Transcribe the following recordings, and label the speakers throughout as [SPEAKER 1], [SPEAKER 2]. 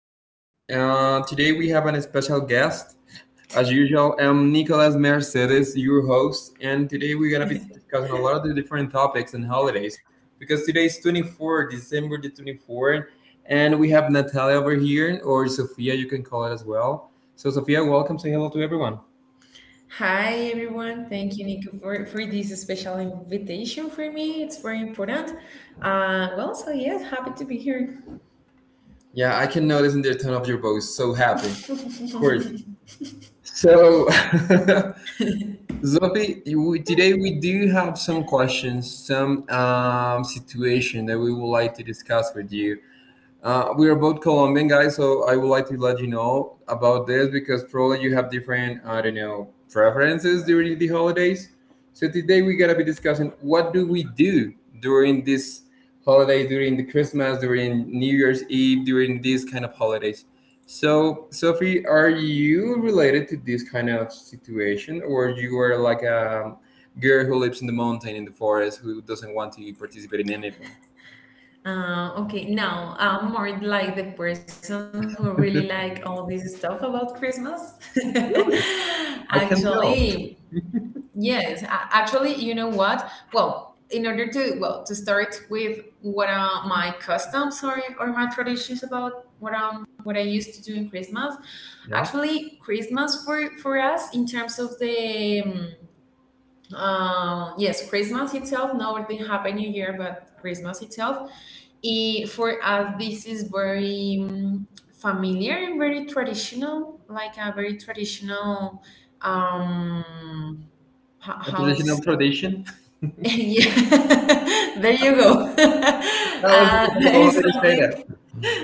[SPEAKER 1] everyone. Today we have an special guest. As usual, I'm Nicolas Mercedes, your host, and today we're gonna be discussing a lot of the different topics and holidays because today is December the 24th, and we have Natalia over here, or Sophia, you can call it as well. So, Sophia, welcome. Say hello to everyone.
[SPEAKER 2] Hi everyone, thank you Nico for this special invitation for me. It's very important. So yes, happy to be here.
[SPEAKER 1] Yeah, I can notice in the tone of your voice, so happy. Of course. So, Sophie, today we do have some questions, some situation that we would like to discuss with you. We are both Colombian guys, so I would like to let you know about this because probably you have different, I don't know, preferences during the holidays. So today we're gonna be discussing what do we do during this holiday, during the Christmas, during New Year's Eve, during these kind of holidays. So Sophie, are you related to this kind of situation, or you are like a girl who lives in the mountain in the forest who doesn't want to participate in anything?
[SPEAKER 2] Okay, now I'm more like the person who really like all this stuff about Christmas. Actually, yes, actually, you know what? Well, in order to to start with what are my customs or my traditions about what I used to do in Christmas. Actually, Christmas for us in terms of the yes, Christmas itself, not the Happy New Year, but Christmas itself. I For us, this is very familiar and very traditional, like a very traditional um ho-
[SPEAKER 1] A
[SPEAKER 2] how to
[SPEAKER 1] traditional
[SPEAKER 2] say
[SPEAKER 1] tradition?
[SPEAKER 2] yeah there you go
[SPEAKER 1] I was
[SPEAKER 2] there is
[SPEAKER 1] about to say
[SPEAKER 2] something
[SPEAKER 1] that.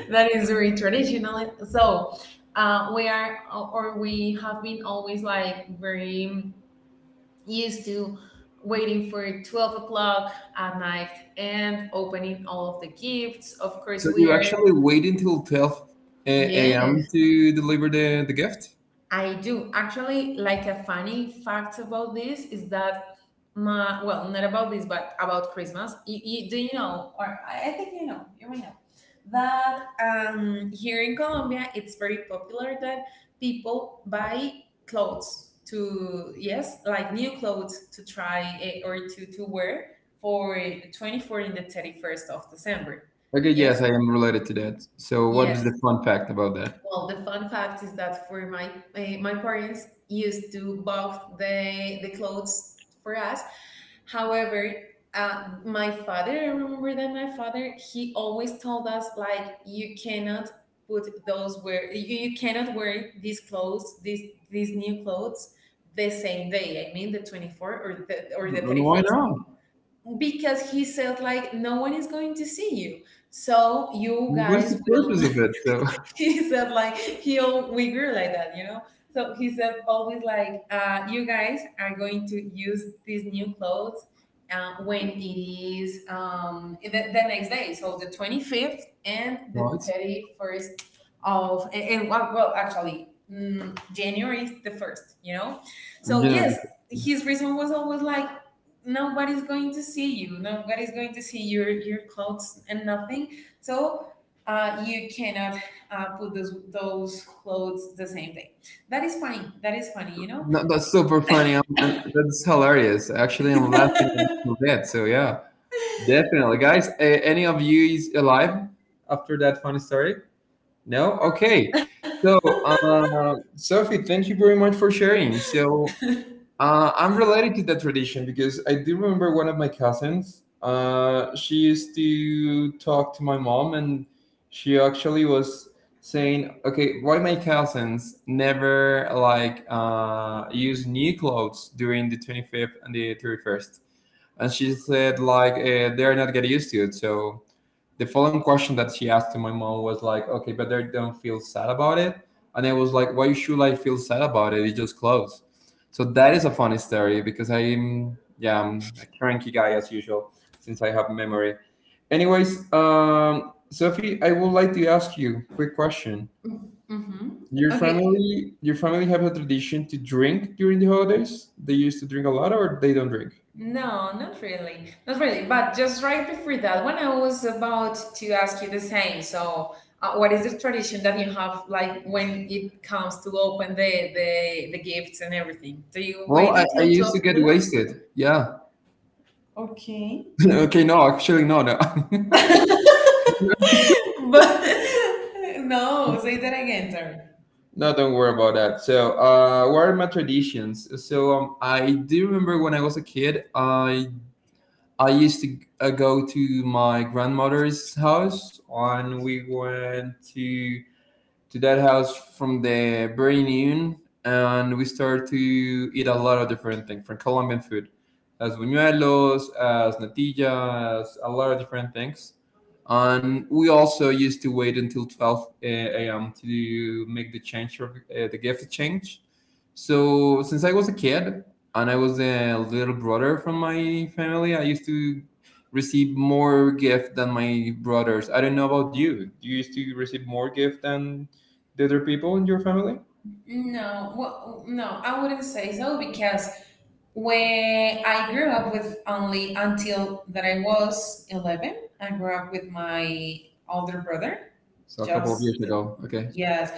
[SPEAKER 2] that is very traditional. So we are or we have been always like very used to waiting for 12 o'clock at night and opening all of the gifts, of
[SPEAKER 1] So
[SPEAKER 2] course. We
[SPEAKER 1] you
[SPEAKER 2] are,
[SPEAKER 1] actually wait until 12 a.m.
[SPEAKER 2] yes,
[SPEAKER 1] to deliver the gift?
[SPEAKER 2] I do. Actually, like, a funny fact about this is that my well not about this, but about Christmas. Do you know, or I think you know, you may know that here in Colombia it's very popular that people buy clothes to, yes, like new clothes to try, or to wear for the 24th and the 31st of December.
[SPEAKER 1] Okay,
[SPEAKER 2] Yes.
[SPEAKER 1] yes, I am related to that. So what
[SPEAKER 2] Yeah.
[SPEAKER 1] is the fun fact about that?
[SPEAKER 2] Well, the fun fact is that for my parents used to buff the clothes for us. However, I remember that my father, he always told us like, you cannot put those wear you cannot wear these clothes, these new clothes the same day. I mean the 24th or the
[SPEAKER 1] And
[SPEAKER 2] thirty
[SPEAKER 1] why
[SPEAKER 2] first
[SPEAKER 1] not?
[SPEAKER 2] Because he said like, no one is going to see you. So you
[SPEAKER 1] What's
[SPEAKER 2] guys
[SPEAKER 1] the
[SPEAKER 2] will—
[SPEAKER 1] purpose of it? So
[SPEAKER 2] He said like, we grew like that, you know. So he said always like, you guys are going to use these new clothes when it is, the next day, so the 25th and the
[SPEAKER 1] what?
[SPEAKER 2] 31st. Of, and well actually, January the 1st, you know.
[SPEAKER 1] I'm
[SPEAKER 2] So
[SPEAKER 1] generally
[SPEAKER 2] yes,
[SPEAKER 1] 15.
[SPEAKER 2] his reason was always like, nobody's going to see you, nobody's going to see your clothes and nothing. So you cannot put those clothes the same day. That is fine. That is funny.
[SPEAKER 1] No, that's super funny. And that's hilarious. Actually, I'm laughing a little bit. So yeah, definitely, guys. Any of you is alive after that funny story? No? Okay.
[SPEAKER 2] No.
[SPEAKER 1] So, Sophie, thank you very much for sharing. So, I'm related to that tradition because I do remember one of my cousins. She used to talk to my mom, and she actually was saying, "Okay, why my cousins never like use new clothes during the 25th and the 31st?" And she said, "Like they're not getting used to it, so." The following question that she asked to my mom was like, "Okay, but they don't feel sad about it." And I was like, "Why should I feel sad about it? It's just clothes." So that is a funny story because I'm a cranky guy as usual since I have memory. Anyways, Sophie, I would like to ask you quick question.
[SPEAKER 2] Mm-hmm.
[SPEAKER 1] Your
[SPEAKER 2] Okay.
[SPEAKER 1] family, your family have a tradition to drink during the holidays. They used to drink a lot, or they don't drink.
[SPEAKER 2] No, not really. Not really. But just right before that, when I was about to ask you the same. So what is the tradition that you have, like when it comes to open the gifts and everything? Do you wait
[SPEAKER 1] Well, I
[SPEAKER 2] until
[SPEAKER 1] used
[SPEAKER 2] twelve
[SPEAKER 1] to get
[SPEAKER 2] o'clock?
[SPEAKER 1] wasted. Yeah.
[SPEAKER 2] Okay.
[SPEAKER 1] Okay, no, actually, no, no.
[SPEAKER 2] But no, say that again, sorry.
[SPEAKER 1] No, don't worry about that. So, what are my traditions? So, I do remember when I was a kid, I used to go to my grandmother's house, and we went to that house from the very noon, and we started to eat a lot of different things, from Colombian food, as buñuelos, as natillas, a lot of different things, and we also used to wait until 12 a.m. to make the change of the gift change. So since I was a kid and I was a little brother from my family, I used to receive more gift than my brothers. I don't know about you. Do you used to receive more gift than the other people in your family?
[SPEAKER 2] No, well, no, I wouldn't say so, because when I grew up— with only until that I was 11, I grew up with my older brother.
[SPEAKER 1] So a couple of years
[SPEAKER 2] Just,
[SPEAKER 1] ago. Okay.
[SPEAKER 2] yes.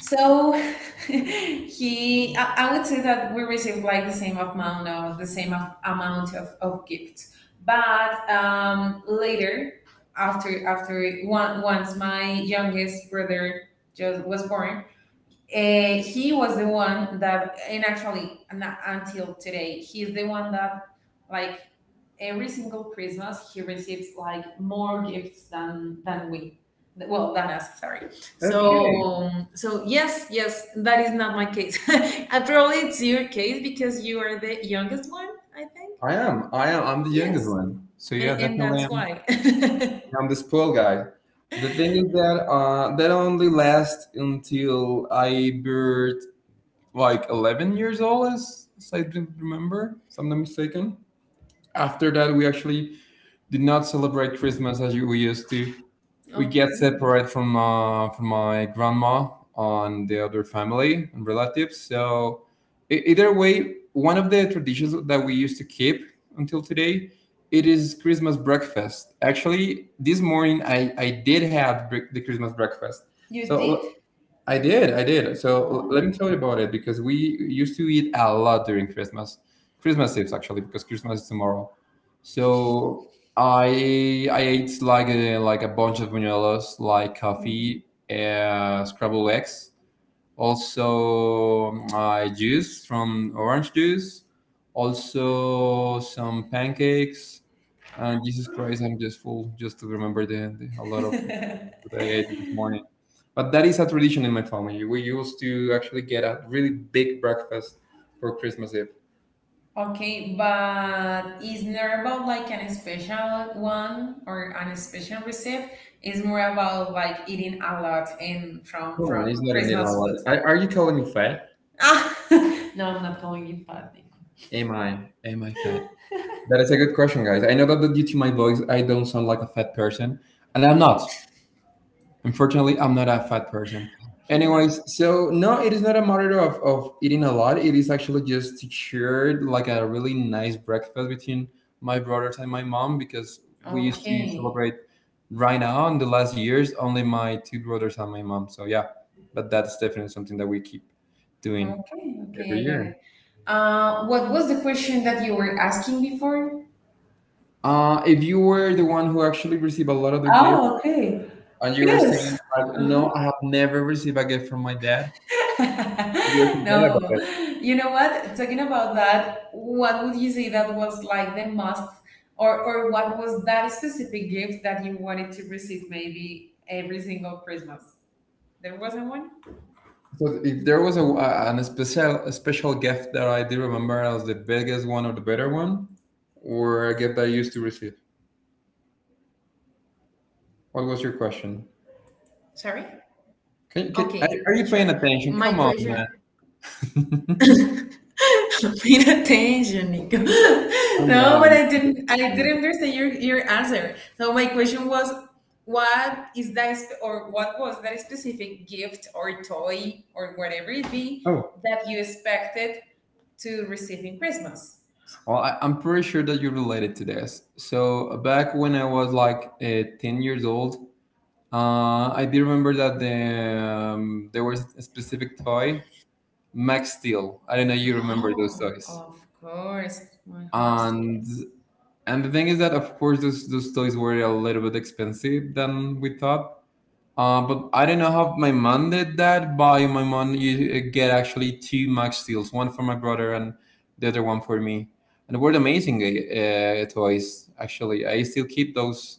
[SPEAKER 2] So I would say that we received like the same amount of, the same amount of gifts. But later, once my youngest brother just was born, he was the one that, and actually, until today, he's the one that, like, every single Christmas, he receives like more gifts than we, well, than us. Sorry.
[SPEAKER 1] Okay.
[SPEAKER 2] So yes, yes, that is not my case. And probably it's your case because you are the youngest one, I think.
[SPEAKER 1] I am. I am. I'm the youngest
[SPEAKER 2] Yes,
[SPEAKER 1] one. So
[SPEAKER 2] and,
[SPEAKER 1] yeah,
[SPEAKER 2] and
[SPEAKER 1] definitely.
[SPEAKER 2] that's why.
[SPEAKER 1] I'm this pool guy. The thing is that that only lasts until I birth like 11 years old, as I don't remember, if I'm not mistaken. After that, we actually do not celebrate Christmas as we used to. We get
[SPEAKER 2] Okay,
[SPEAKER 1] separate from my grandma and the other family and relatives. So either way, one of the traditions that we used to keep until today, it is Christmas breakfast. Actually, this morning I did have the Christmas breakfast.
[SPEAKER 2] you did.
[SPEAKER 1] So I did. So let me
[SPEAKER 2] Oh.
[SPEAKER 1] tell you about it because we used to eat a lot during Christmas, Christmas Eve actually, because Christmas is tomorrow. So I ate like a bunch of buñuelos, like coffee, scrambled eggs, also juice from orange juice, also some pancakes. And Jesus Christ, I'm just full just to remember the a lot of food that I ate this morning. But that is a tradition in my family. We used to actually get a really big breakfast for Christmas Eve.
[SPEAKER 2] Okay, but it's not about like an special one or an special recipe. It's more about like eating a lot and from
[SPEAKER 1] Come on,
[SPEAKER 2] from
[SPEAKER 1] it's not in it a
[SPEAKER 2] Christmas
[SPEAKER 1] lot.
[SPEAKER 2] food.
[SPEAKER 1] Are you calling me fat?
[SPEAKER 2] Ah, no, I'm not calling you fat, Nico.
[SPEAKER 1] Am I? Am I fat? That is a good question, guys. I know that due to my voice, I don't sound like a fat person, and I'm not. Unfortunately, I'm not a fat person.
[SPEAKER 2] He's not.
[SPEAKER 1] Anyways, so no, it is not a matter of eating a lot. It is actually just to share like a really nice breakfast between my brothers and my mom because we used to
[SPEAKER 2] Okay,
[SPEAKER 1] celebrate right now in the last years only my two brothers and my mom. So yeah, but that's definitely something that we keep doing
[SPEAKER 2] okay,
[SPEAKER 1] every
[SPEAKER 2] okay. I got
[SPEAKER 1] year.
[SPEAKER 2] it. What was the question that you were asking before?
[SPEAKER 1] If you were the one who actually received a lot of the gift
[SPEAKER 2] Oh, okay.
[SPEAKER 1] and you were saying
[SPEAKER 2] Yes.
[SPEAKER 1] like,
[SPEAKER 2] Uh
[SPEAKER 1] no, I have never received a gift from my dad, you're complaining about
[SPEAKER 2] No,
[SPEAKER 1] it.
[SPEAKER 2] you know what? Talking about that, what would you say that was like the most, or what was that specific gift that you wanted to receive maybe every single Christmas? There wasn't one?
[SPEAKER 1] So if there was a an special a special gift that I do remember as the biggest one or the better one, or a gift I used to receive, what was your question?
[SPEAKER 2] Sorry? Okay,
[SPEAKER 1] Can,
[SPEAKER 2] sure.
[SPEAKER 1] are you
[SPEAKER 2] My
[SPEAKER 1] paying
[SPEAKER 2] question—
[SPEAKER 1] attention? Come on, man.
[SPEAKER 2] Paying attention, Nico. No,
[SPEAKER 1] Oh
[SPEAKER 2] but I
[SPEAKER 1] no, I need
[SPEAKER 2] didn't. I
[SPEAKER 1] to do this.
[SPEAKER 2] didn't understand your answer. So my question was, what is or what was that specific gift or toy or whatever it be
[SPEAKER 1] Oh,
[SPEAKER 2] that you expected to receive in Christmas?
[SPEAKER 1] well, I'm pretty sure that you're related to this. So back when I was like 10 years old, I do remember that there was a specific toy, Max Steel. I don't know you remember those
[SPEAKER 2] Oh,
[SPEAKER 1] toys.
[SPEAKER 2] of course, my horse.
[SPEAKER 1] And
[SPEAKER 2] Yes.
[SPEAKER 1] And the thing is that, of course, those toys were a little bit expensive than we thought. But I don't know how my mom did that. By my mom, you get actually two Max Steels, one for my brother and the other one for me. And they were amazing toys. Actually, I still keep those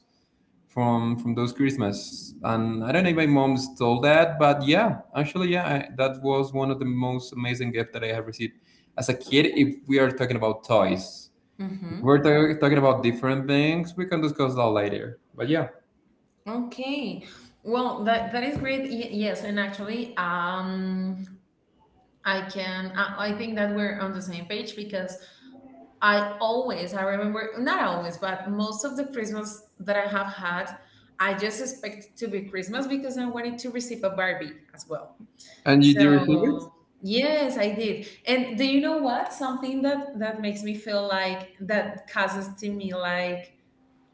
[SPEAKER 1] from those Christmas. And I don't know if my mom stole that, but yeah, actually, yeah, that was one of the most amazing gift that I have received as a kid. If we are talking about toys we're
[SPEAKER 2] Mm-hmm.
[SPEAKER 1] talking about different things. We can discuss that later. But yeah.
[SPEAKER 2] Okay. Well, that is great. Yes, and actually, I think that we're on the same page, because I always— I remember, not always, but most of the Christmas that I have had, I just expect it to be Christmas, because I wanted to receive a Barbie as well.
[SPEAKER 1] And you did receive it?
[SPEAKER 2] So, yes, I did. And do you know what? Something that makes me feel like, that causes to me like,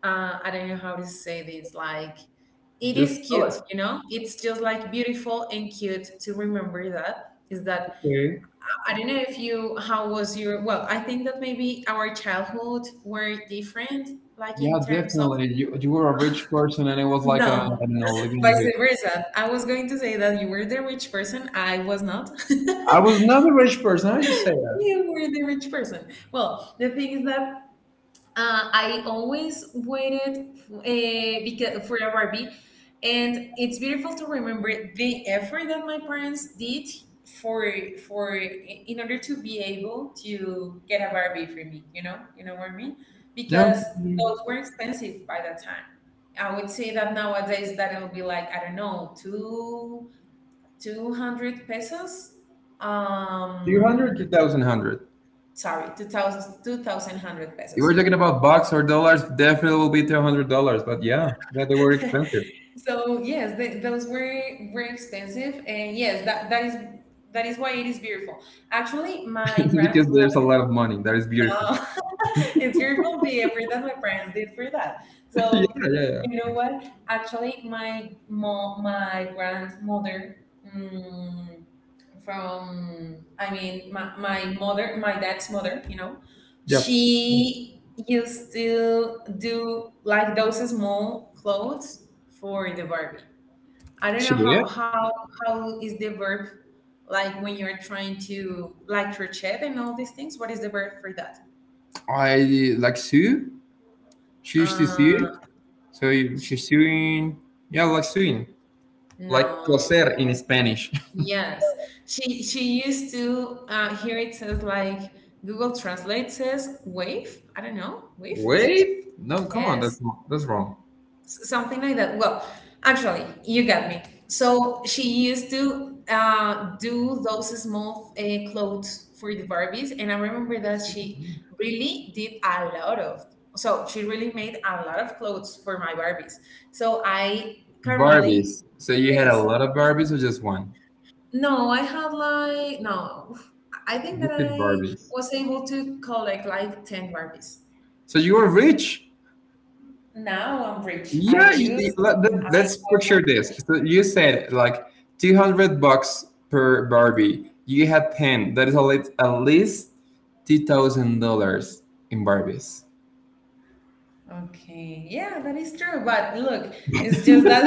[SPEAKER 2] I don't know how to say this. Like, it
[SPEAKER 1] Just
[SPEAKER 2] is
[SPEAKER 1] go
[SPEAKER 2] cute,
[SPEAKER 1] it.
[SPEAKER 2] you know. It's just like, beautiful and cute to remember that. Is that,
[SPEAKER 1] Okay.
[SPEAKER 2] I don't know if you— how was your— well, I think that maybe our childhood were different, like in
[SPEAKER 1] Yeah,
[SPEAKER 2] terms of—
[SPEAKER 1] definitely. You were a rich person, and it was like a, I
[SPEAKER 2] No,
[SPEAKER 1] don't know, living in the
[SPEAKER 2] vice
[SPEAKER 1] hood.
[SPEAKER 2] versa. I was going to say that you were the rich person, I was not.
[SPEAKER 1] I was not a rich person. How you say that.
[SPEAKER 2] You were the rich person. Well, the thing is that I always waited, because for a Barbie, and it's beautiful to remember the effort that my parents did for in order to be able to get a Barbie for me. You know what I mean?
[SPEAKER 1] Yeah.
[SPEAKER 2] Because
[SPEAKER 1] Two
[SPEAKER 2] those were expensive by that time. I would say that nowadays that it'll be like, I don't know, two two hundred pesos.
[SPEAKER 1] hundred, two
[SPEAKER 2] Um,
[SPEAKER 1] thousand hundred.
[SPEAKER 2] Sorry, two thousand two thousand one hundred
[SPEAKER 1] You were
[SPEAKER 2] pesos.
[SPEAKER 1] talking about bucks or dollars, definitely will be $200. But yeah, yeah, they were expensive
[SPEAKER 2] So yes, th those were expensive, and yes, that is why it is beautiful. Actually, my
[SPEAKER 1] because there's a
[SPEAKER 2] grandmother—
[SPEAKER 1] lot of money. That is beautiful.
[SPEAKER 2] It's beautiful the effort that my parents did for that.
[SPEAKER 1] Yeah,
[SPEAKER 2] So
[SPEAKER 1] yeah, yeah.
[SPEAKER 2] you know what? Actually, my grandmother, mm, from I mean, my mother, my dad's mother,
[SPEAKER 1] Yeah.
[SPEAKER 2] she used to do like those small clothes for the Barbie. I don't know
[SPEAKER 1] Should we?
[SPEAKER 2] how is the verb, like when you're trying to like crochet and all these things. What is the verb for that?
[SPEAKER 1] I like Sue. She used to
[SPEAKER 2] Uh,
[SPEAKER 1] see. So
[SPEAKER 2] sh-
[SPEAKER 1] she's doing, yeah, like doing, like
[SPEAKER 2] no.
[SPEAKER 1] coser in Spanish.
[SPEAKER 2] Yes, she used to, here it says like Google Translate says wave. I don't know wave.
[SPEAKER 1] Wait, no, come on,
[SPEAKER 2] Yes,
[SPEAKER 1] that's not- that's wrong.
[SPEAKER 2] Something like that. Well, actually, you got me. So she used to, do those small, clothes for the Barbies, and I remember that she really did a lot of. So she really made a lot of clothes for my Barbies. So I currently—
[SPEAKER 1] Barbies. So you had a
[SPEAKER 2] yes,
[SPEAKER 1] lot of Barbies or just one?
[SPEAKER 2] no, I had like— no. I think
[SPEAKER 1] You
[SPEAKER 2] that
[SPEAKER 1] said
[SPEAKER 2] I
[SPEAKER 1] Barbies.
[SPEAKER 2] was able to collect like 10 Barbies.
[SPEAKER 1] So you were rich.
[SPEAKER 2] Now I'm rich.
[SPEAKER 1] Yeah,
[SPEAKER 2] I use— I
[SPEAKER 1] let's
[SPEAKER 2] was—
[SPEAKER 1] picture this. So you said like 200 bucks per Barbie. You had 10. That is at least $2,000 in Barbies.
[SPEAKER 2] Okay. Yeah, that is true. But look, it's just that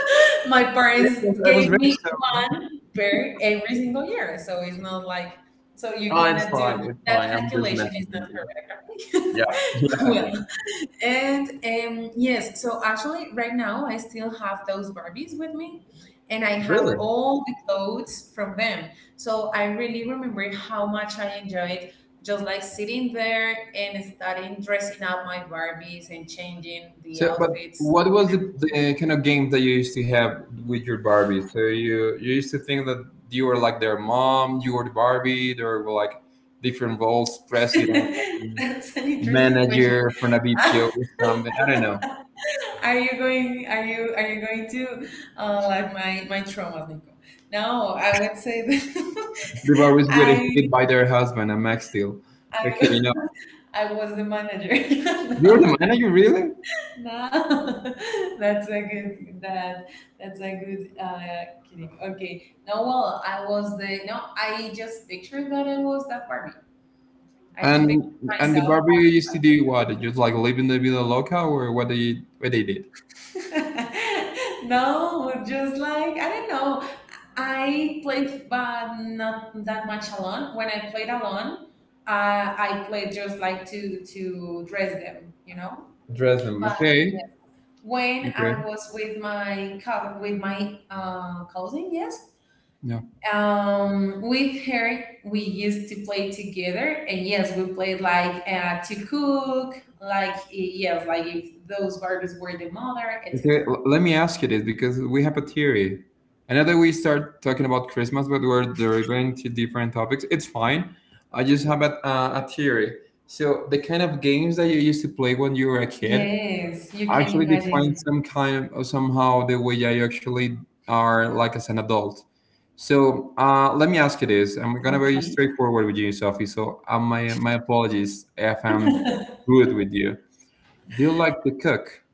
[SPEAKER 2] my
[SPEAKER 1] Yeah,
[SPEAKER 2] parents
[SPEAKER 1] I was
[SPEAKER 2] gave
[SPEAKER 1] rich,
[SPEAKER 2] me
[SPEAKER 1] so.
[SPEAKER 2] one pair every single year. So it's not like— so you
[SPEAKER 1] Oh, it's
[SPEAKER 2] cannot do
[SPEAKER 1] fine. It's
[SPEAKER 2] that
[SPEAKER 1] fine. I'm just
[SPEAKER 2] calculation,
[SPEAKER 1] messing
[SPEAKER 2] is not
[SPEAKER 1] with you.
[SPEAKER 2] correct.
[SPEAKER 1] Yeah.
[SPEAKER 2] Okay?
[SPEAKER 1] Yeah. Yeah.
[SPEAKER 2] Well, and yes, so actually, right now I still have those Barbies with me, and I have
[SPEAKER 1] Really?
[SPEAKER 2] all the clothes from them. So I really remember how much I enjoyed just like sitting there and starting dressing up my Barbies and changing the
[SPEAKER 1] So, but
[SPEAKER 2] outfits
[SPEAKER 1] what was the,
[SPEAKER 2] and
[SPEAKER 1] the kind of game that you used to have with your Barbie? So you used to think that you were like their mom, you were the Barbie. There were like different roles: president,
[SPEAKER 2] everything. That's an interesting question.
[SPEAKER 1] manager, from a BPO or something. I don't know.
[SPEAKER 2] Are you going— are you going to, like my traumas, Nico? No, I would say that
[SPEAKER 1] The Barbies were
[SPEAKER 2] I
[SPEAKER 1] hit by their husband, a Max Steel. Okay,
[SPEAKER 2] I I was the manager.
[SPEAKER 1] you're
[SPEAKER 2] No,
[SPEAKER 1] the manager, really?
[SPEAKER 2] no. That's a good— that— that's a good kidding. Okay, no, well, I was the— no. I just pictured that I was that Barbie. I just pictured
[SPEAKER 1] And the
[SPEAKER 2] myself.
[SPEAKER 1] Barbie used to do what? Just like live in the Villa Loca, or what they did?
[SPEAKER 2] No, just like, I don't know. I played, but not that much alone. When I played alone, I played just like to dress them.
[SPEAKER 1] Dress them,
[SPEAKER 2] But yeah.
[SPEAKER 1] okay?
[SPEAKER 2] When I
[SPEAKER 1] Okay.
[SPEAKER 2] was with my co-, with my, cousin, yes.
[SPEAKER 1] Yeah.
[SPEAKER 2] With her, we used to play together, and yes, we played like, to cook, like, yes, like if those Barbies were the mother,
[SPEAKER 1] Okay,
[SPEAKER 2] etc.
[SPEAKER 1] let me ask you this because we have a theory. I know that we start talking about Christmas, but we're deriving to different topics. It's fine. I just have a theory. So the kind of games that you used to play when you were a kid
[SPEAKER 2] Yes, you can
[SPEAKER 1] actually define
[SPEAKER 2] imagine.
[SPEAKER 1] some kind of somehow the way that you actually are like as an adult. So let me ask you this. I'm gonna be
[SPEAKER 2] Okay.
[SPEAKER 1] straightforward with you, Sophie. So my apologies if I'm rude with you. Do you like to cook?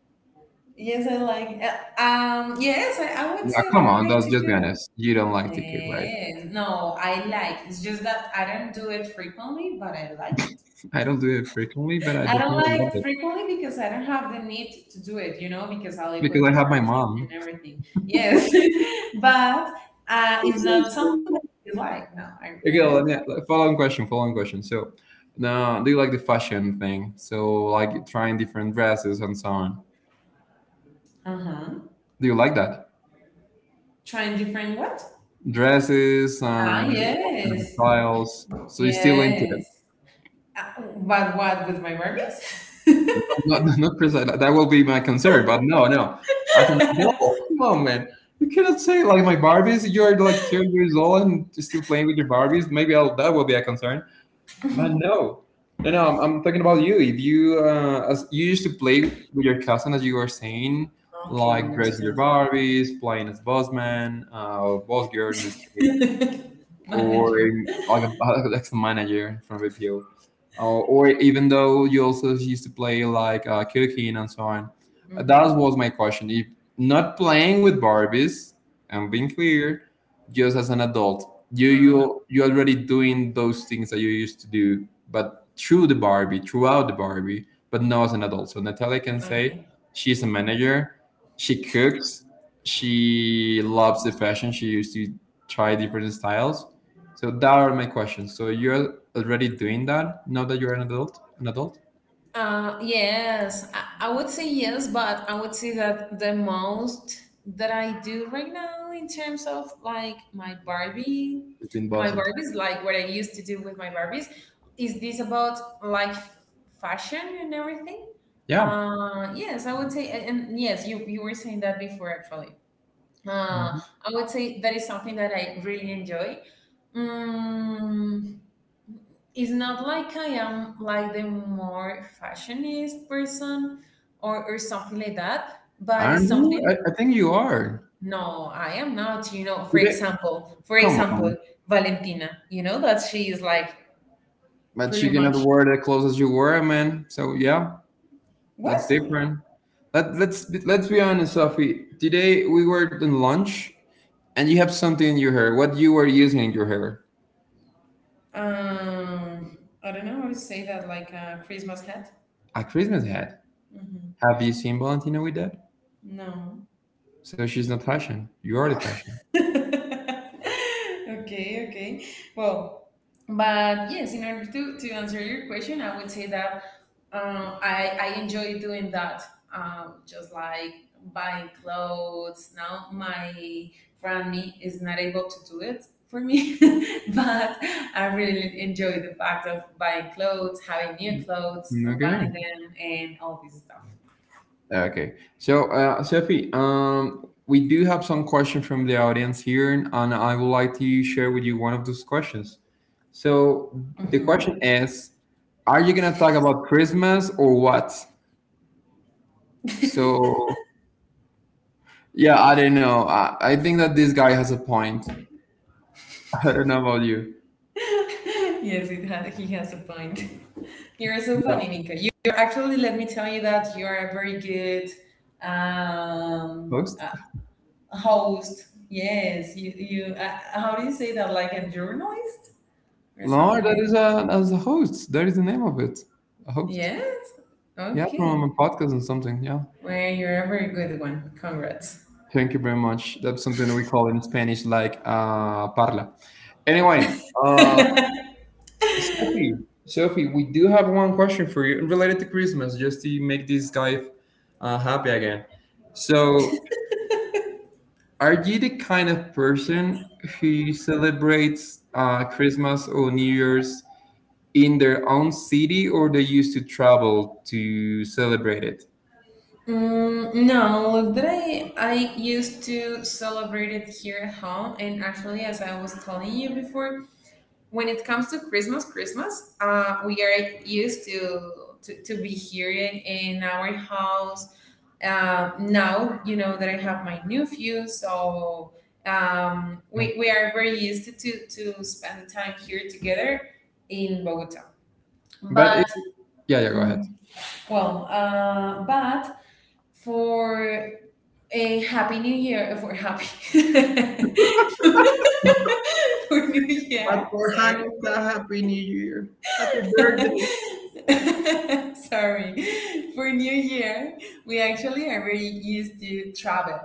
[SPEAKER 2] Yes, I like. Yes, I would
[SPEAKER 1] Yeah,
[SPEAKER 2] say that
[SPEAKER 1] come
[SPEAKER 2] I
[SPEAKER 1] on,
[SPEAKER 2] like
[SPEAKER 1] that's
[SPEAKER 2] to
[SPEAKER 1] just be
[SPEAKER 2] cook.
[SPEAKER 1] honest. You don't like the cook, right?
[SPEAKER 2] Yes. No, I like. It's just that I don't do it frequently, but I like it.
[SPEAKER 1] I don't do it frequently, but I
[SPEAKER 2] I don't
[SPEAKER 1] definitely love
[SPEAKER 2] like
[SPEAKER 1] it
[SPEAKER 2] frequently because I don't have the need to do it, because I live
[SPEAKER 1] because
[SPEAKER 2] with
[SPEAKER 1] I
[SPEAKER 2] my
[SPEAKER 1] have my
[SPEAKER 2] parents and,
[SPEAKER 1] mom.
[SPEAKER 2] and everything. Yes, but
[SPEAKER 1] It's
[SPEAKER 2] it's
[SPEAKER 1] so
[SPEAKER 2] not
[SPEAKER 1] cool.
[SPEAKER 2] something that you like. No, I
[SPEAKER 1] Okay,
[SPEAKER 2] really
[SPEAKER 1] let me
[SPEAKER 2] like.
[SPEAKER 1] following question. So, now do you like the fashion thing? So, like trying different dresses and so on.
[SPEAKER 2] Uh huh.
[SPEAKER 1] Do you like that?
[SPEAKER 2] Trying different what?
[SPEAKER 1] Dresses
[SPEAKER 2] Ah,
[SPEAKER 1] and what kind of
[SPEAKER 2] yes,
[SPEAKER 1] styles. So you're still into it.
[SPEAKER 2] yes. But what with my Barbies?
[SPEAKER 1] Not, not precisely. That will be my concern. But no, no. As an adult, come on, man. You cannot say like my Barbies. You're like 10 years old and still playing with your Barbies. Maybe that will be a concern. But no, no, no. I'm talking about you. If you as you used to play with your cousin, as you were saying,
[SPEAKER 2] Okay,
[SPEAKER 1] like dressing your
[SPEAKER 2] understand.
[SPEAKER 1] Barbies, playing as bossman, boss girl in this case or
[SPEAKER 2] Manager.
[SPEAKER 1] like a, like the manager from BPO, or even though you also used to play like cooking and so on. That
[SPEAKER 2] Mhm.
[SPEAKER 1] was my question. If not playing with Barbies, and being clear, just as an adult, you
[SPEAKER 2] Ah,
[SPEAKER 1] you you already doing those things that you used to do, but through the Barbie, throughout the Barbie, but now as an adult. So Natalia can say
[SPEAKER 2] okay.
[SPEAKER 1] she's a manager, she cooks, she loves the fashion, she used to try different styles so that are my questions. So you're already doing that now that you're an adult. An adult.
[SPEAKER 2] Yes, I would say yes, but I would say that the most that I do right now in terms of like my Barbie,
[SPEAKER 1] It have been
[SPEAKER 2] my
[SPEAKER 1] buzzing.
[SPEAKER 2] Barbies, like what I used to do with my Barbies, is this about like fashion and everything?
[SPEAKER 1] Yeah.
[SPEAKER 2] Yes, I would say, and yes, you were saying that before actually. Uh,
[SPEAKER 1] Mhm.
[SPEAKER 2] I would say that is something that I really enjoy. Mm, it's not like I am like the more fashionist person or something like that, but it's
[SPEAKER 1] Aren't you?
[SPEAKER 2] something
[SPEAKER 1] I think you are.
[SPEAKER 2] no, I am not, you know,
[SPEAKER 1] Today,
[SPEAKER 2] for
[SPEAKER 1] come on.
[SPEAKER 2] example, Valentina, you know, that she is like
[SPEAKER 1] But
[SPEAKER 2] pretty
[SPEAKER 1] you cannot
[SPEAKER 2] much
[SPEAKER 1] wear the clothes as you were, man. So yeah, that's
[SPEAKER 2] what?
[SPEAKER 1] different. Let's be honest, Sophie. Today we were in lunch, and you have something in your hair. What you were using in your hair?
[SPEAKER 2] I don't know how to say that, like a Christmas hat?
[SPEAKER 1] A Christmas hat. Have you seen Valentina with that?
[SPEAKER 2] No.
[SPEAKER 1] So she's not fashion. You are the
[SPEAKER 2] Ah.
[SPEAKER 1] fashion.
[SPEAKER 2] Okay, okay. Well, but yes, in order to answer your question, I would say that I enjoy doing that, just like buying clothes. Now my granny is not able to do it for me. But I really enjoy the fact of buying clothes, having new clothes, combining
[SPEAKER 1] Okay.
[SPEAKER 2] them, and all this stuff.
[SPEAKER 1] Okay. So, Sophie, we do have some question from the audience here, and I would like to share with you one of those questions. So, the
[SPEAKER 2] Mhm.
[SPEAKER 1] question is, are you gonna talk about Christmas or what? So, yeah, I don't know. I think that this guy has a point. I don't know about you.
[SPEAKER 2] Yes, he has a point. You're so
[SPEAKER 1] Yeah,
[SPEAKER 2] funny, Nika. You are actually, let me tell you that you are a very good um,
[SPEAKER 1] host.
[SPEAKER 2] uh, host. Yes, you how do you say that? Like a journalist or
[SPEAKER 1] No,
[SPEAKER 2] something?
[SPEAKER 1] that
[SPEAKER 2] Like
[SPEAKER 1] is
[SPEAKER 2] that?
[SPEAKER 1] a as a host. That is the name of it. A host.
[SPEAKER 2] Yes,
[SPEAKER 1] Yeah, from
[SPEAKER 2] okay.
[SPEAKER 1] a podcast and something. Yeah.
[SPEAKER 2] Well, you're a very good one. Congrats.
[SPEAKER 1] Thank you very much. That's something that we call in Spanish like parla. Anyway, Sophie, Sophie, we do have one question for you related to Christmas, just to make this guy happy again. So, are you the kind of person who celebrates Christmas or New Year's in their own city, or they used to travel to celebrate it?
[SPEAKER 2] No, look that I used to celebrate it here at home, and actually, as I was telling you before, when it comes to Christmas, Christmas, we are used to be here in our house. Now, you know that I have my nephew, so um,
[SPEAKER 1] Yeah.
[SPEAKER 2] we we are very used to spend time here together in Bogota.
[SPEAKER 1] But
[SPEAKER 2] But
[SPEAKER 1] it, yeah, yeah, go ahead.
[SPEAKER 2] mm, well, but for a happy New Year, for happy for New
[SPEAKER 1] But
[SPEAKER 2] Year,
[SPEAKER 1] for
[SPEAKER 2] sorry.
[SPEAKER 1] Hanukkah, Happy New Year. Happy birthday.
[SPEAKER 2] Sorry. For New Year, we actually are very used to travel.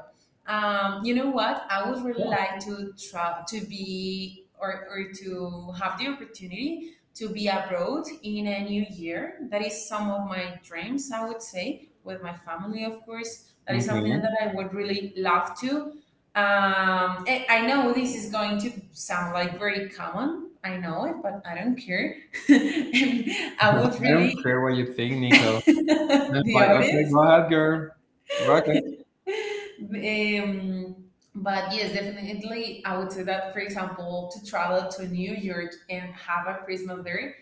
[SPEAKER 2] You know what? I would really like to travel to be or to have the opportunity to be abroad in a new year. That is some of my dreams, I would say, with my family, of course. That is something
[SPEAKER 1] Okay.
[SPEAKER 2] that I would really love to. I know this is going to sound like very common. I know it, but I don't care. And I would
[SPEAKER 1] I don't
[SPEAKER 2] really
[SPEAKER 1] care what you think, Nico. And I'm
[SPEAKER 2] the
[SPEAKER 1] like, okay,
[SPEAKER 2] audience.
[SPEAKER 1] go ahead, girl. Rock it.
[SPEAKER 2] But yes, definitely, I would say that, for example, to travel to New York and have a Christmas there,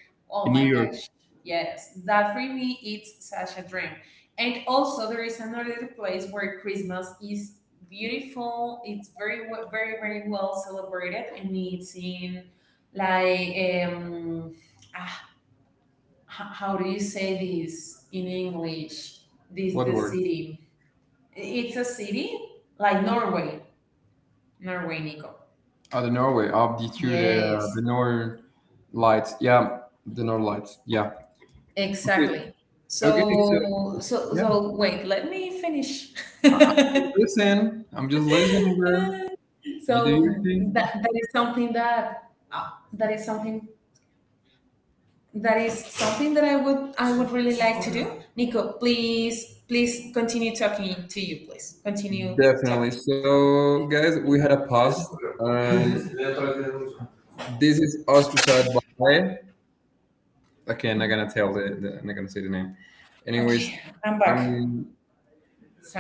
[SPEAKER 1] In
[SPEAKER 2] oh my
[SPEAKER 1] New York,
[SPEAKER 2] gosh, yes, that for me, it's such a dream. And also, there is another place where Christmas is beautiful, it's very, very, very well celebrated, and it's in like, ah, how do you say this in English? This
[SPEAKER 1] what
[SPEAKER 2] the
[SPEAKER 1] word?
[SPEAKER 2] city. It's a city like Norway. Norway, Nico.
[SPEAKER 1] Oh, the Norway, up the through the
[SPEAKER 2] Yes,
[SPEAKER 1] Northern Lights. Yeah, the Northern Lights. Yeah. Okay.
[SPEAKER 2] exactly.
[SPEAKER 1] Okay.
[SPEAKER 2] So
[SPEAKER 1] So
[SPEAKER 2] so
[SPEAKER 1] yeah,
[SPEAKER 2] so wait, let me finish.
[SPEAKER 1] I'm just listening. I'm just listening, girl. You do your thing.
[SPEAKER 2] That is something that that is something that I would really like to do. Nico, please continue talking to you, please. Continue talking.
[SPEAKER 1] Definitely. So, guys, we had a past, and this is Auspichat by. Okay, I'm not gonna tell the, the. I'm not gonna say the name. Anyways,
[SPEAKER 2] Okay, I'm back.
[SPEAKER 1] I'm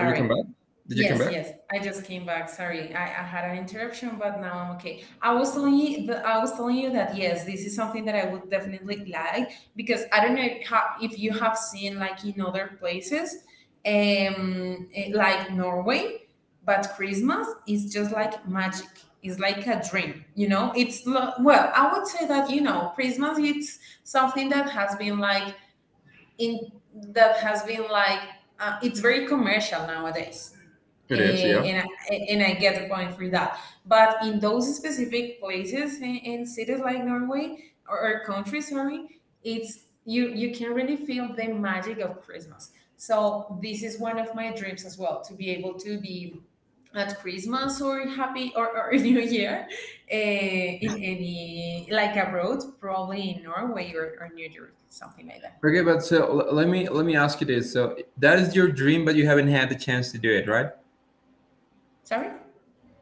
[SPEAKER 1] are you come back? Did you come
[SPEAKER 2] Yes,
[SPEAKER 1] back?
[SPEAKER 2] yes. I just came back. Sorry, I had an interruption, but now I'm okay. I was telling you that yes, this is something that I would definitely like because I don't know if, if you have seen like in other places, like Norway, but Christmas is just like magic. It's like a dream, you know. Well, I would say that you know, Christmas it's something that has been like in that has been like it's very commercial nowadays.
[SPEAKER 1] It is, yeah.
[SPEAKER 2] Eh, and I get the point for that, but in those specific places in cities like norway or countries, sorry, it's, you can really feel the magic of christmas. So this is one of my dreams as well, to be able to be at christmas or happy or new year, in any like abroad, probably in norway or new york, something like that.
[SPEAKER 1] Okay, but so let me ask you this. So that is your dream, but you haven't had the chance to do it, right?
[SPEAKER 2] Sorry.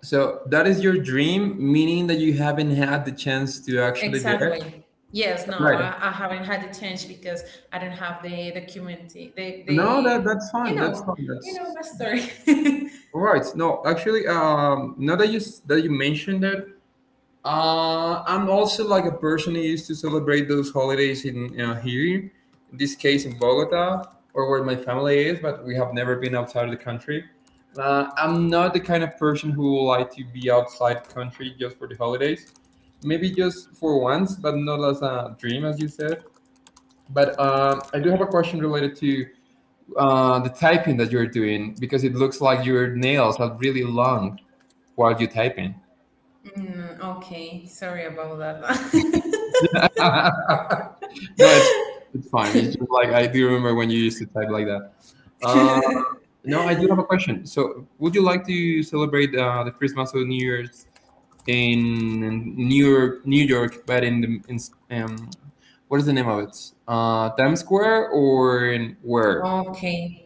[SPEAKER 1] So that is your dream, meaning that you haven't had the chance to actually do it,
[SPEAKER 2] Exactly. Yes, no,
[SPEAKER 1] right?
[SPEAKER 2] I haven't had the change because I don't have the document, the,
[SPEAKER 1] No, that
[SPEAKER 2] the,
[SPEAKER 1] that's
[SPEAKER 2] you
[SPEAKER 1] fine. That's
[SPEAKER 2] know,
[SPEAKER 1] fine.
[SPEAKER 2] you know
[SPEAKER 1] That's
[SPEAKER 2] my story.
[SPEAKER 1] all right. No, actually, now that you mentioned that, I'm also like a person who used to celebrate those holidays in here, in this case in Bogota or where my family is, but we have never been outside of the country. I'm not the kind of person who would like to be outside the country just for the holidays. Maybe just for once, but not as a dream, as you said. But I do have a question related to the typing that you're doing because it looks like your nails are really long while you're typing.
[SPEAKER 2] Okay, sorry about that.
[SPEAKER 1] No, it's it's fine. It's just like I do remember when you used to type like that. Uh, no, I do have a question. So, would you like to celebrate the Christmas or New Year's in New York, New York, but um, what is the name of it? Times Square or in where?
[SPEAKER 2] Okay.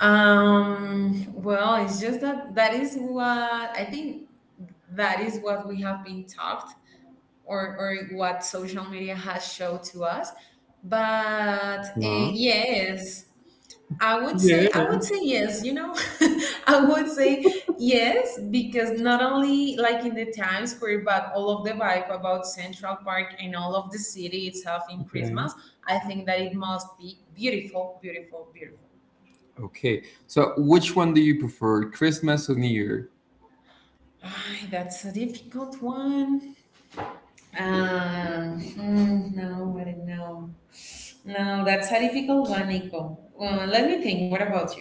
[SPEAKER 2] Well, it's just that that is what I think, that is what we have been taught or what social media has showed to us. But
[SPEAKER 1] Huh?
[SPEAKER 2] yes,
[SPEAKER 1] Yeah.
[SPEAKER 2] I would say yes, you know. I would say yes, because not only like in the Times Square, but all of the vibe about Central Park and all of the city itself in
[SPEAKER 1] Okay.
[SPEAKER 2] Christmas, I think that it must be beautiful, beautiful, beautiful.
[SPEAKER 1] Okay. So, which one do you prefer, Christmas or New Year?
[SPEAKER 2] Ay, that's a difficult one. No, I don't know. No, that's a difficult one, Nico. Let me think. What about you?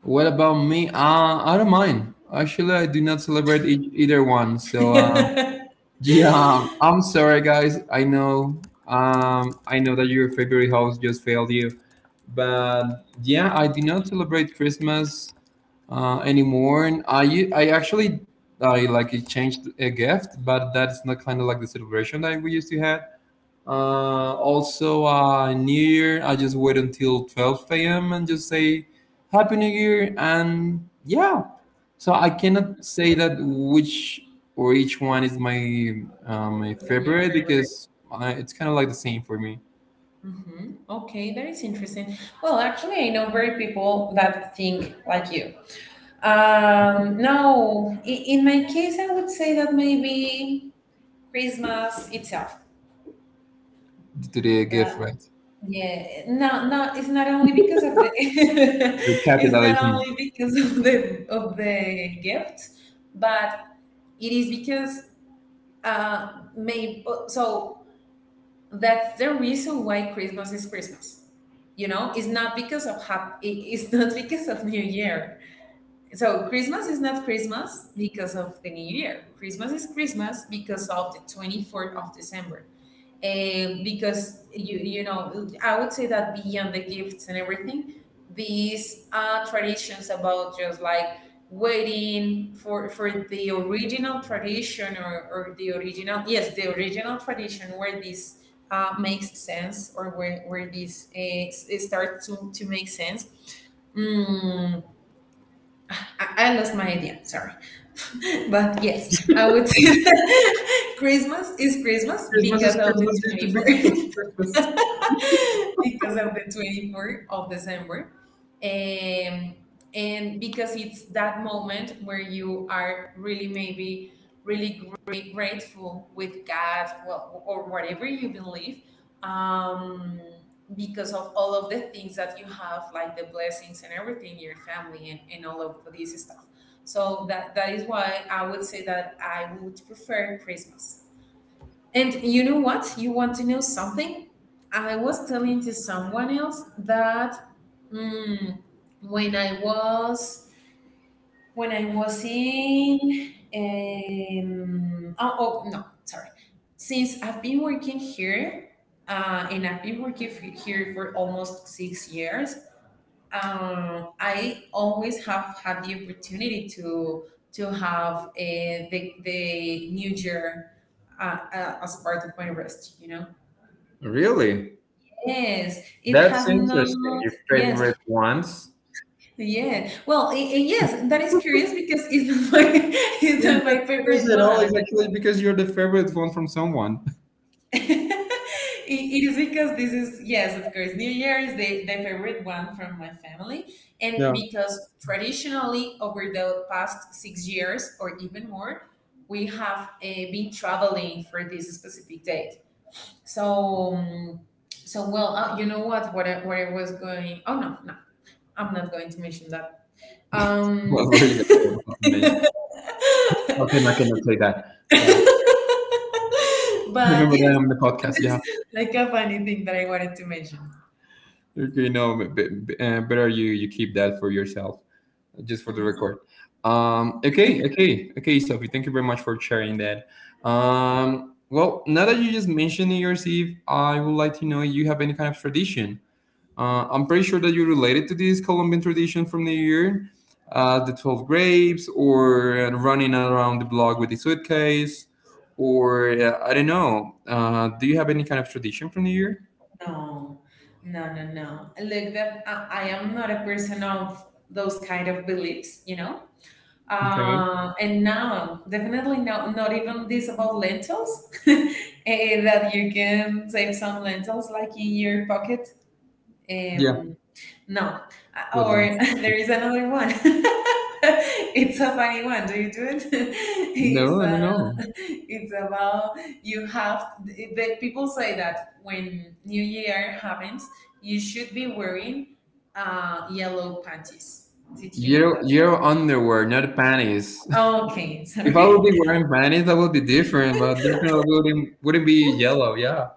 [SPEAKER 1] What about me? I don't mind. Actually, I do not celebrate either one. So, yeah, I'm sorry, guys. I know that your favorite house just failed you, but yeah, I do not celebrate Christmas anymore. And I actually, I like it changed a gift, but that's not kind of like the celebration that we used to have. Also, New Year, I just wait until 12 a.m. and just say Happy New Year. And yeah, so I cannot say that which or each one is my
[SPEAKER 2] Like your
[SPEAKER 1] favorite
[SPEAKER 2] favorite?
[SPEAKER 1] because it's kind of like the same for me
[SPEAKER 2] Okay, that is interesting. Well, actually, I know very people that think like you. No, in my case, I would say that maybe Christmas itself.
[SPEAKER 1] to the gift,
[SPEAKER 2] Uh,
[SPEAKER 1] right?
[SPEAKER 2] yeah, no, no, it's not only because of the,
[SPEAKER 1] The
[SPEAKER 2] it's not
[SPEAKER 1] capitalism.
[SPEAKER 2] only because of the gift, but it is because maybe so that's the reason why Christmas is Christmas. You know, it's not because of it's not because of New Year. So Christmas is not Christmas because of the New Year. Christmas is Christmas because of the 24th of December, because you know, I would say that beyond the gifts and everything, these traditions about just like waiting for the original tradition or the original, yes, the original tradition where this makes sense or where this it starts to make sense. Mm, I lost my idea. Sorry, but yes, I would say that Christmas is Christmas
[SPEAKER 1] Christmas is
[SPEAKER 2] because of the
[SPEAKER 1] Christmas due to
[SPEAKER 2] twenty
[SPEAKER 1] because
[SPEAKER 2] fourth.
[SPEAKER 1] Christmas.
[SPEAKER 2] Because of the 24th of December. Um, and because it's that moment where you are really maybe really grateful with God, well, or whatever you believe, um, because of all of the things that you have, like the blessings and everything, your family, and all of this stuff. So that is why I would say that I would prefer Christmas. And you know what? You want to know something? I was telling to someone else that mm, when I was when I was in oh, oh no, sorry, since I've been working here, and I've been working here for almost 6 years, I always have had the opportunity to have the New Year uh, as part of my rest. You know.
[SPEAKER 1] Really?
[SPEAKER 2] Yes, it
[SPEAKER 1] That's
[SPEAKER 2] has
[SPEAKER 1] interesting.
[SPEAKER 2] not.
[SPEAKER 1] Your
[SPEAKER 2] Yes,
[SPEAKER 1] favorite ones?
[SPEAKER 2] yeah. Well, yes, that is curious because it's not my it's
[SPEAKER 1] You're
[SPEAKER 2] not
[SPEAKER 1] not
[SPEAKER 2] my favorite
[SPEAKER 1] curious at all.
[SPEAKER 2] one.
[SPEAKER 1] It's actually because you're the favorite one from someone.
[SPEAKER 2] It is because this is, yes, of course, new year is the favorite one from my family,
[SPEAKER 1] Yeah.
[SPEAKER 2] and because traditionally over the past 6 years or even more we have been traveling for this specific date. So so well, you know what what I was going, oh no no, I'm not going to mention that. um
[SPEAKER 1] What were you going to mention? Okay, I cannot say that. Yeah, I
[SPEAKER 2] but
[SPEAKER 1] remember that
[SPEAKER 2] yes,
[SPEAKER 1] on the podcast. Yeah,
[SPEAKER 2] it's like a funny thing that I wanted to mention.
[SPEAKER 1] better you keep that for yourself, just for the
[SPEAKER 2] Mhm.
[SPEAKER 1] record. Okay, okay, okay, Sophie, thank you very much for sharing that. Well, now that you just mentioned New Year's Eve, I would like to know you have any kind of tradition. I'm pretty sure that you're related to this Colombian tradition from New Year, the 12 grapes, or running around the block with the suitcase, or I don't know. Do you have any kind of tradition from New Year?
[SPEAKER 2] No, no, no, no. Like that, I am not a person of those kind of beliefs, you know.
[SPEAKER 1] Okay.
[SPEAKER 2] And now, definitely no, not even this about lentils, eh, that you can save some lentils like in your pocket.
[SPEAKER 1] Yeah,
[SPEAKER 2] Um, no. Or
[SPEAKER 1] woodlands.
[SPEAKER 2] there is another one. It's a funny one. Do you do it? It's
[SPEAKER 1] No, not know.
[SPEAKER 2] it's about, you have the people say that when New Year happens, you should be wearing yellow panties. Did you know
[SPEAKER 1] Your
[SPEAKER 2] that?
[SPEAKER 1] your underwear, not panties.
[SPEAKER 2] Okay,
[SPEAKER 1] If I would
[SPEAKER 2] sorry.
[SPEAKER 1] be wearing panties, that would be different, but definitely wouldn't be yellow. Yeah.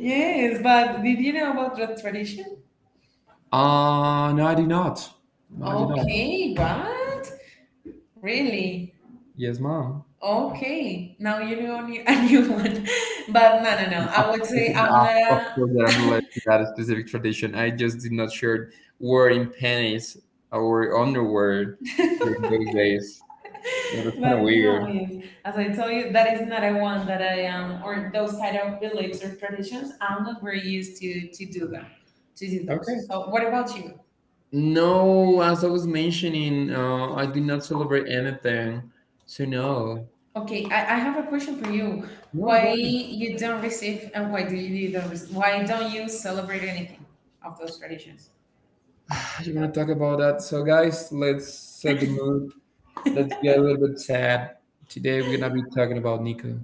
[SPEAKER 2] Yes, but did you know about that tradition?
[SPEAKER 1] No, I do not. No, I do not.
[SPEAKER 2] Okay, what? Really?
[SPEAKER 1] Yes, mom.
[SPEAKER 2] Okay, now you know a new one. But no, no, no.
[SPEAKER 1] Of
[SPEAKER 2] I would
[SPEAKER 1] course,
[SPEAKER 2] say I'm
[SPEAKER 1] of of
[SPEAKER 2] not
[SPEAKER 1] course that I'm related to that specific tradition. I just did not share wearing panties or underwear during
[SPEAKER 2] a.
[SPEAKER 1] those days. Yeah, that's kind of
[SPEAKER 2] But you know,
[SPEAKER 1] weird.
[SPEAKER 2] if, as I told you, that is not a one that I am, or those kind of beliefs or traditions. I'm not very used to do them, to do those.
[SPEAKER 1] Okay.
[SPEAKER 2] So, what about you?
[SPEAKER 1] No, as I was mentioning, I do not celebrate anything. So no.
[SPEAKER 2] Okay, I have a question for you.
[SPEAKER 1] No,
[SPEAKER 2] Why
[SPEAKER 1] guys.
[SPEAKER 2] you don't receive, and why do you don't? Why don't you celebrate anything of those traditions?
[SPEAKER 1] You want to talk about that? So guys, let's set the mood. Let's get a little bit sad. Today we're gonna be talking about Nico,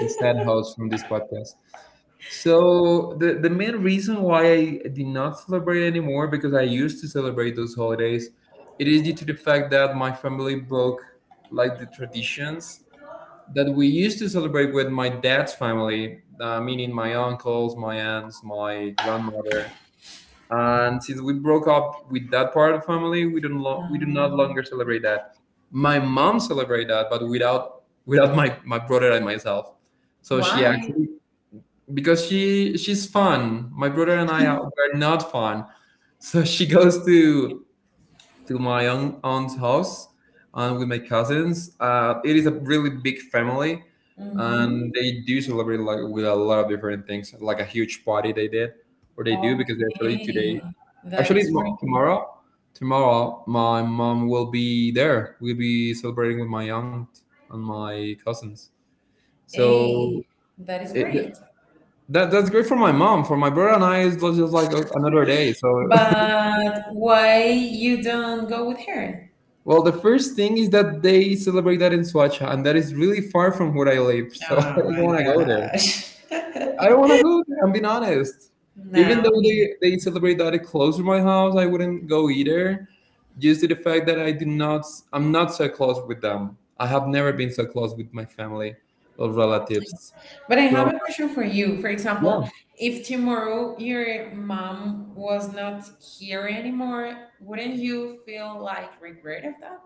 [SPEAKER 1] the sad host from this podcast. So the main reason why I did not celebrate anymore because I used to celebrate those holidays, it is due to the fact that my family broke like the traditions that we used to celebrate with my dad's family, meaning my uncles, my aunts, my grandmother. And since we broke up with that part of the family, we don't lo- we do not
[SPEAKER 2] Uh,
[SPEAKER 1] longer celebrate that. My mom celebrate that, but without my brother and myself. So she
[SPEAKER 2] why?
[SPEAKER 1] actually because she's fun. My brother and I are, were not fun, so she goes to my own aunt's house and with my cousins. It is a really big family, and they do celebrate like with a lot of different things, like a huge party they did or they do because they actually today,
[SPEAKER 2] Okay, that
[SPEAKER 1] actually
[SPEAKER 2] is
[SPEAKER 1] mo-
[SPEAKER 2] great.
[SPEAKER 1] tomorrow. Tomorrow, my mom will be there. We'll be celebrating with my aunt and my cousins.
[SPEAKER 2] Hey,
[SPEAKER 1] So
[SPEAKER 2] that is
[SPEAKER 1] it,
[SPEAKER 2] great.
[SPEAKER 1] that that's great for my mom. For my brother and I, it's just like another day. So,
[SPEAKER 2] But why you don't go with her?
[SPEAKER 1] well, the first thing is that they celebrate that in Swacha, and that is really far from where I live.
[SPEAKER 2] Oh
[SPEAKER 1] So I don't
[SPEAKER 2] my
[SPEAKER 1] want to go there.
[SPEAKER 2] gosh.
[SPEAKER 1] I don't want to go there. I'm being honest.
[SPEAKER 2] No.
[SPEAKER 1] Even though they celebrate that close to my house, I wouldn't go either, just to the fact that I do not. I'm not so close with them. I have never been so close with my family or relatives.
[SPEAKER 2] But I have
[SPEAKER 1] So
[SPEAKER 2] a question for you. For
[SPEAKER 1] yeah,
[SPEAKER 2] example, if tomorrow your mom was not here anymore, wouldn't you feel like regret of that?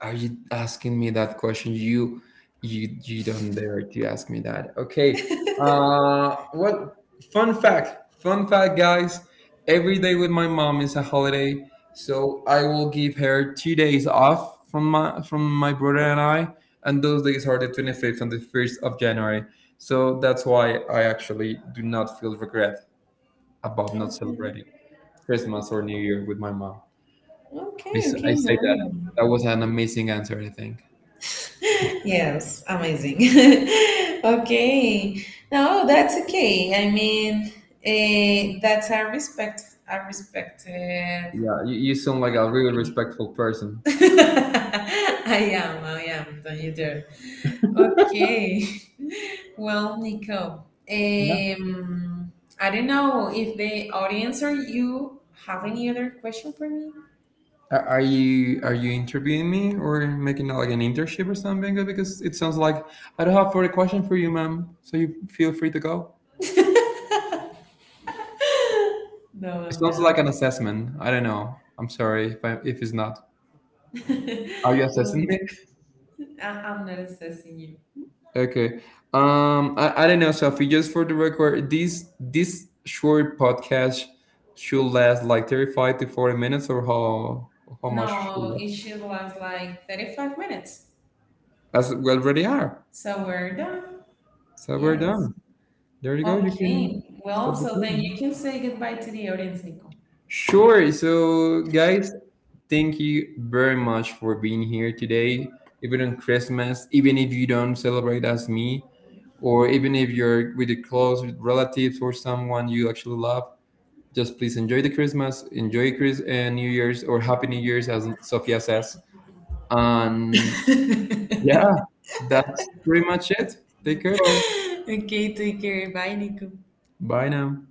[SPEAKER 1] are you asking me that question? You don't dare to ask me that. Okay. Well, fun fact, guys. Every day with my mom is a holiday, so I will give her 2 days off from my brother and I, and those days are the 25th and the first of January. So that's why I actually do not feel regret about not celebrating
[SPEAKER 2] Okay.
[SPEAKER 1] Christmas
[SPEAKER 2] Okay.
[SPEAKER 1] or New Year with my mom. I,
[SPEAKER 2] Okay.
[SPEAKER 1] s- I
[SPEAKER 2] Okay.
[SPEAKER 1] say
[SPEAKER 2] No.
[SPEAKER 1] that. That was an amazing answer, I think.
[SPEAKER 2] Yes, amazing. Okay. No, that's okay. I mean, that's a respect, a respected
[SPEAKER 1] Yeah, you sound like
[SPEAKER 2] like
[SPEAKER 1] a really
[SPEAKER 2] opinion.
[SPEAKER 1] respectful person.
[SPEAKER 2] I am, I am. Don't you dare. Okay. Well, Nico,
[SPEAKER 1] Yeah.
[SPEAKER 2] I don't know if the audience or you have any other question for me.
[SPEAKER 1] Are you interviewing me or making like an internship or something? Because it sounds like I don't have further question for you, ma'am. So you feel free to go.
[SPEAKER 2] No,
[SPEAKER 1] It
[SPEAKER 2] I'm
[SPEAKER 1] sounds like
[SPEAKER 2] not.
[SPEAKER 1] an assessment. I don't know. I'm sorry if it's not. Are you assessing
[SPEAKER 2] Well,
[SPEAKER 1] me?
[SPEAKER 2] I'm not assessing you.
[SPEAKER 1] Okay. I don't know, Sophie. Just for the record, this short podcast should last like 35 to 40 minutes, or how much should
[SPEAKER 2] No,
[SPEAKER 1] it
[SPEAKER 2] it should last like 35 minutes.
[SPEAKER 1] last? As we already are.
[SPEAKER 2] So we're done.
[SPEAKER 1] So we're
[SPEAKER 2] Yes.
[SPEAKER 1] done. There you go. You can
[SPEAKER 2] Okay. Well,
[SPEAKER 1] stop
[SPEAKER 2] so then you
[SPEAKER 1] recording.
[SPEAKER 2] can say goodbye to the audience, Nico.
[SPEAKER 1] Sure. So, guys, thank you very much for being here today. Even on Christmas, even if you don't celebrate as me, or even if you're with your close relatives or someone you actually love, just please enjoy the Christmas, enjoy Chris and New Year's or Happy New Year's, as Sophia says. And yeah, that's pretty much it. Take care, man.
[SPEAKER 2] Okay, take care. Bye, Nico.
[SPEAKER 1] Bye now.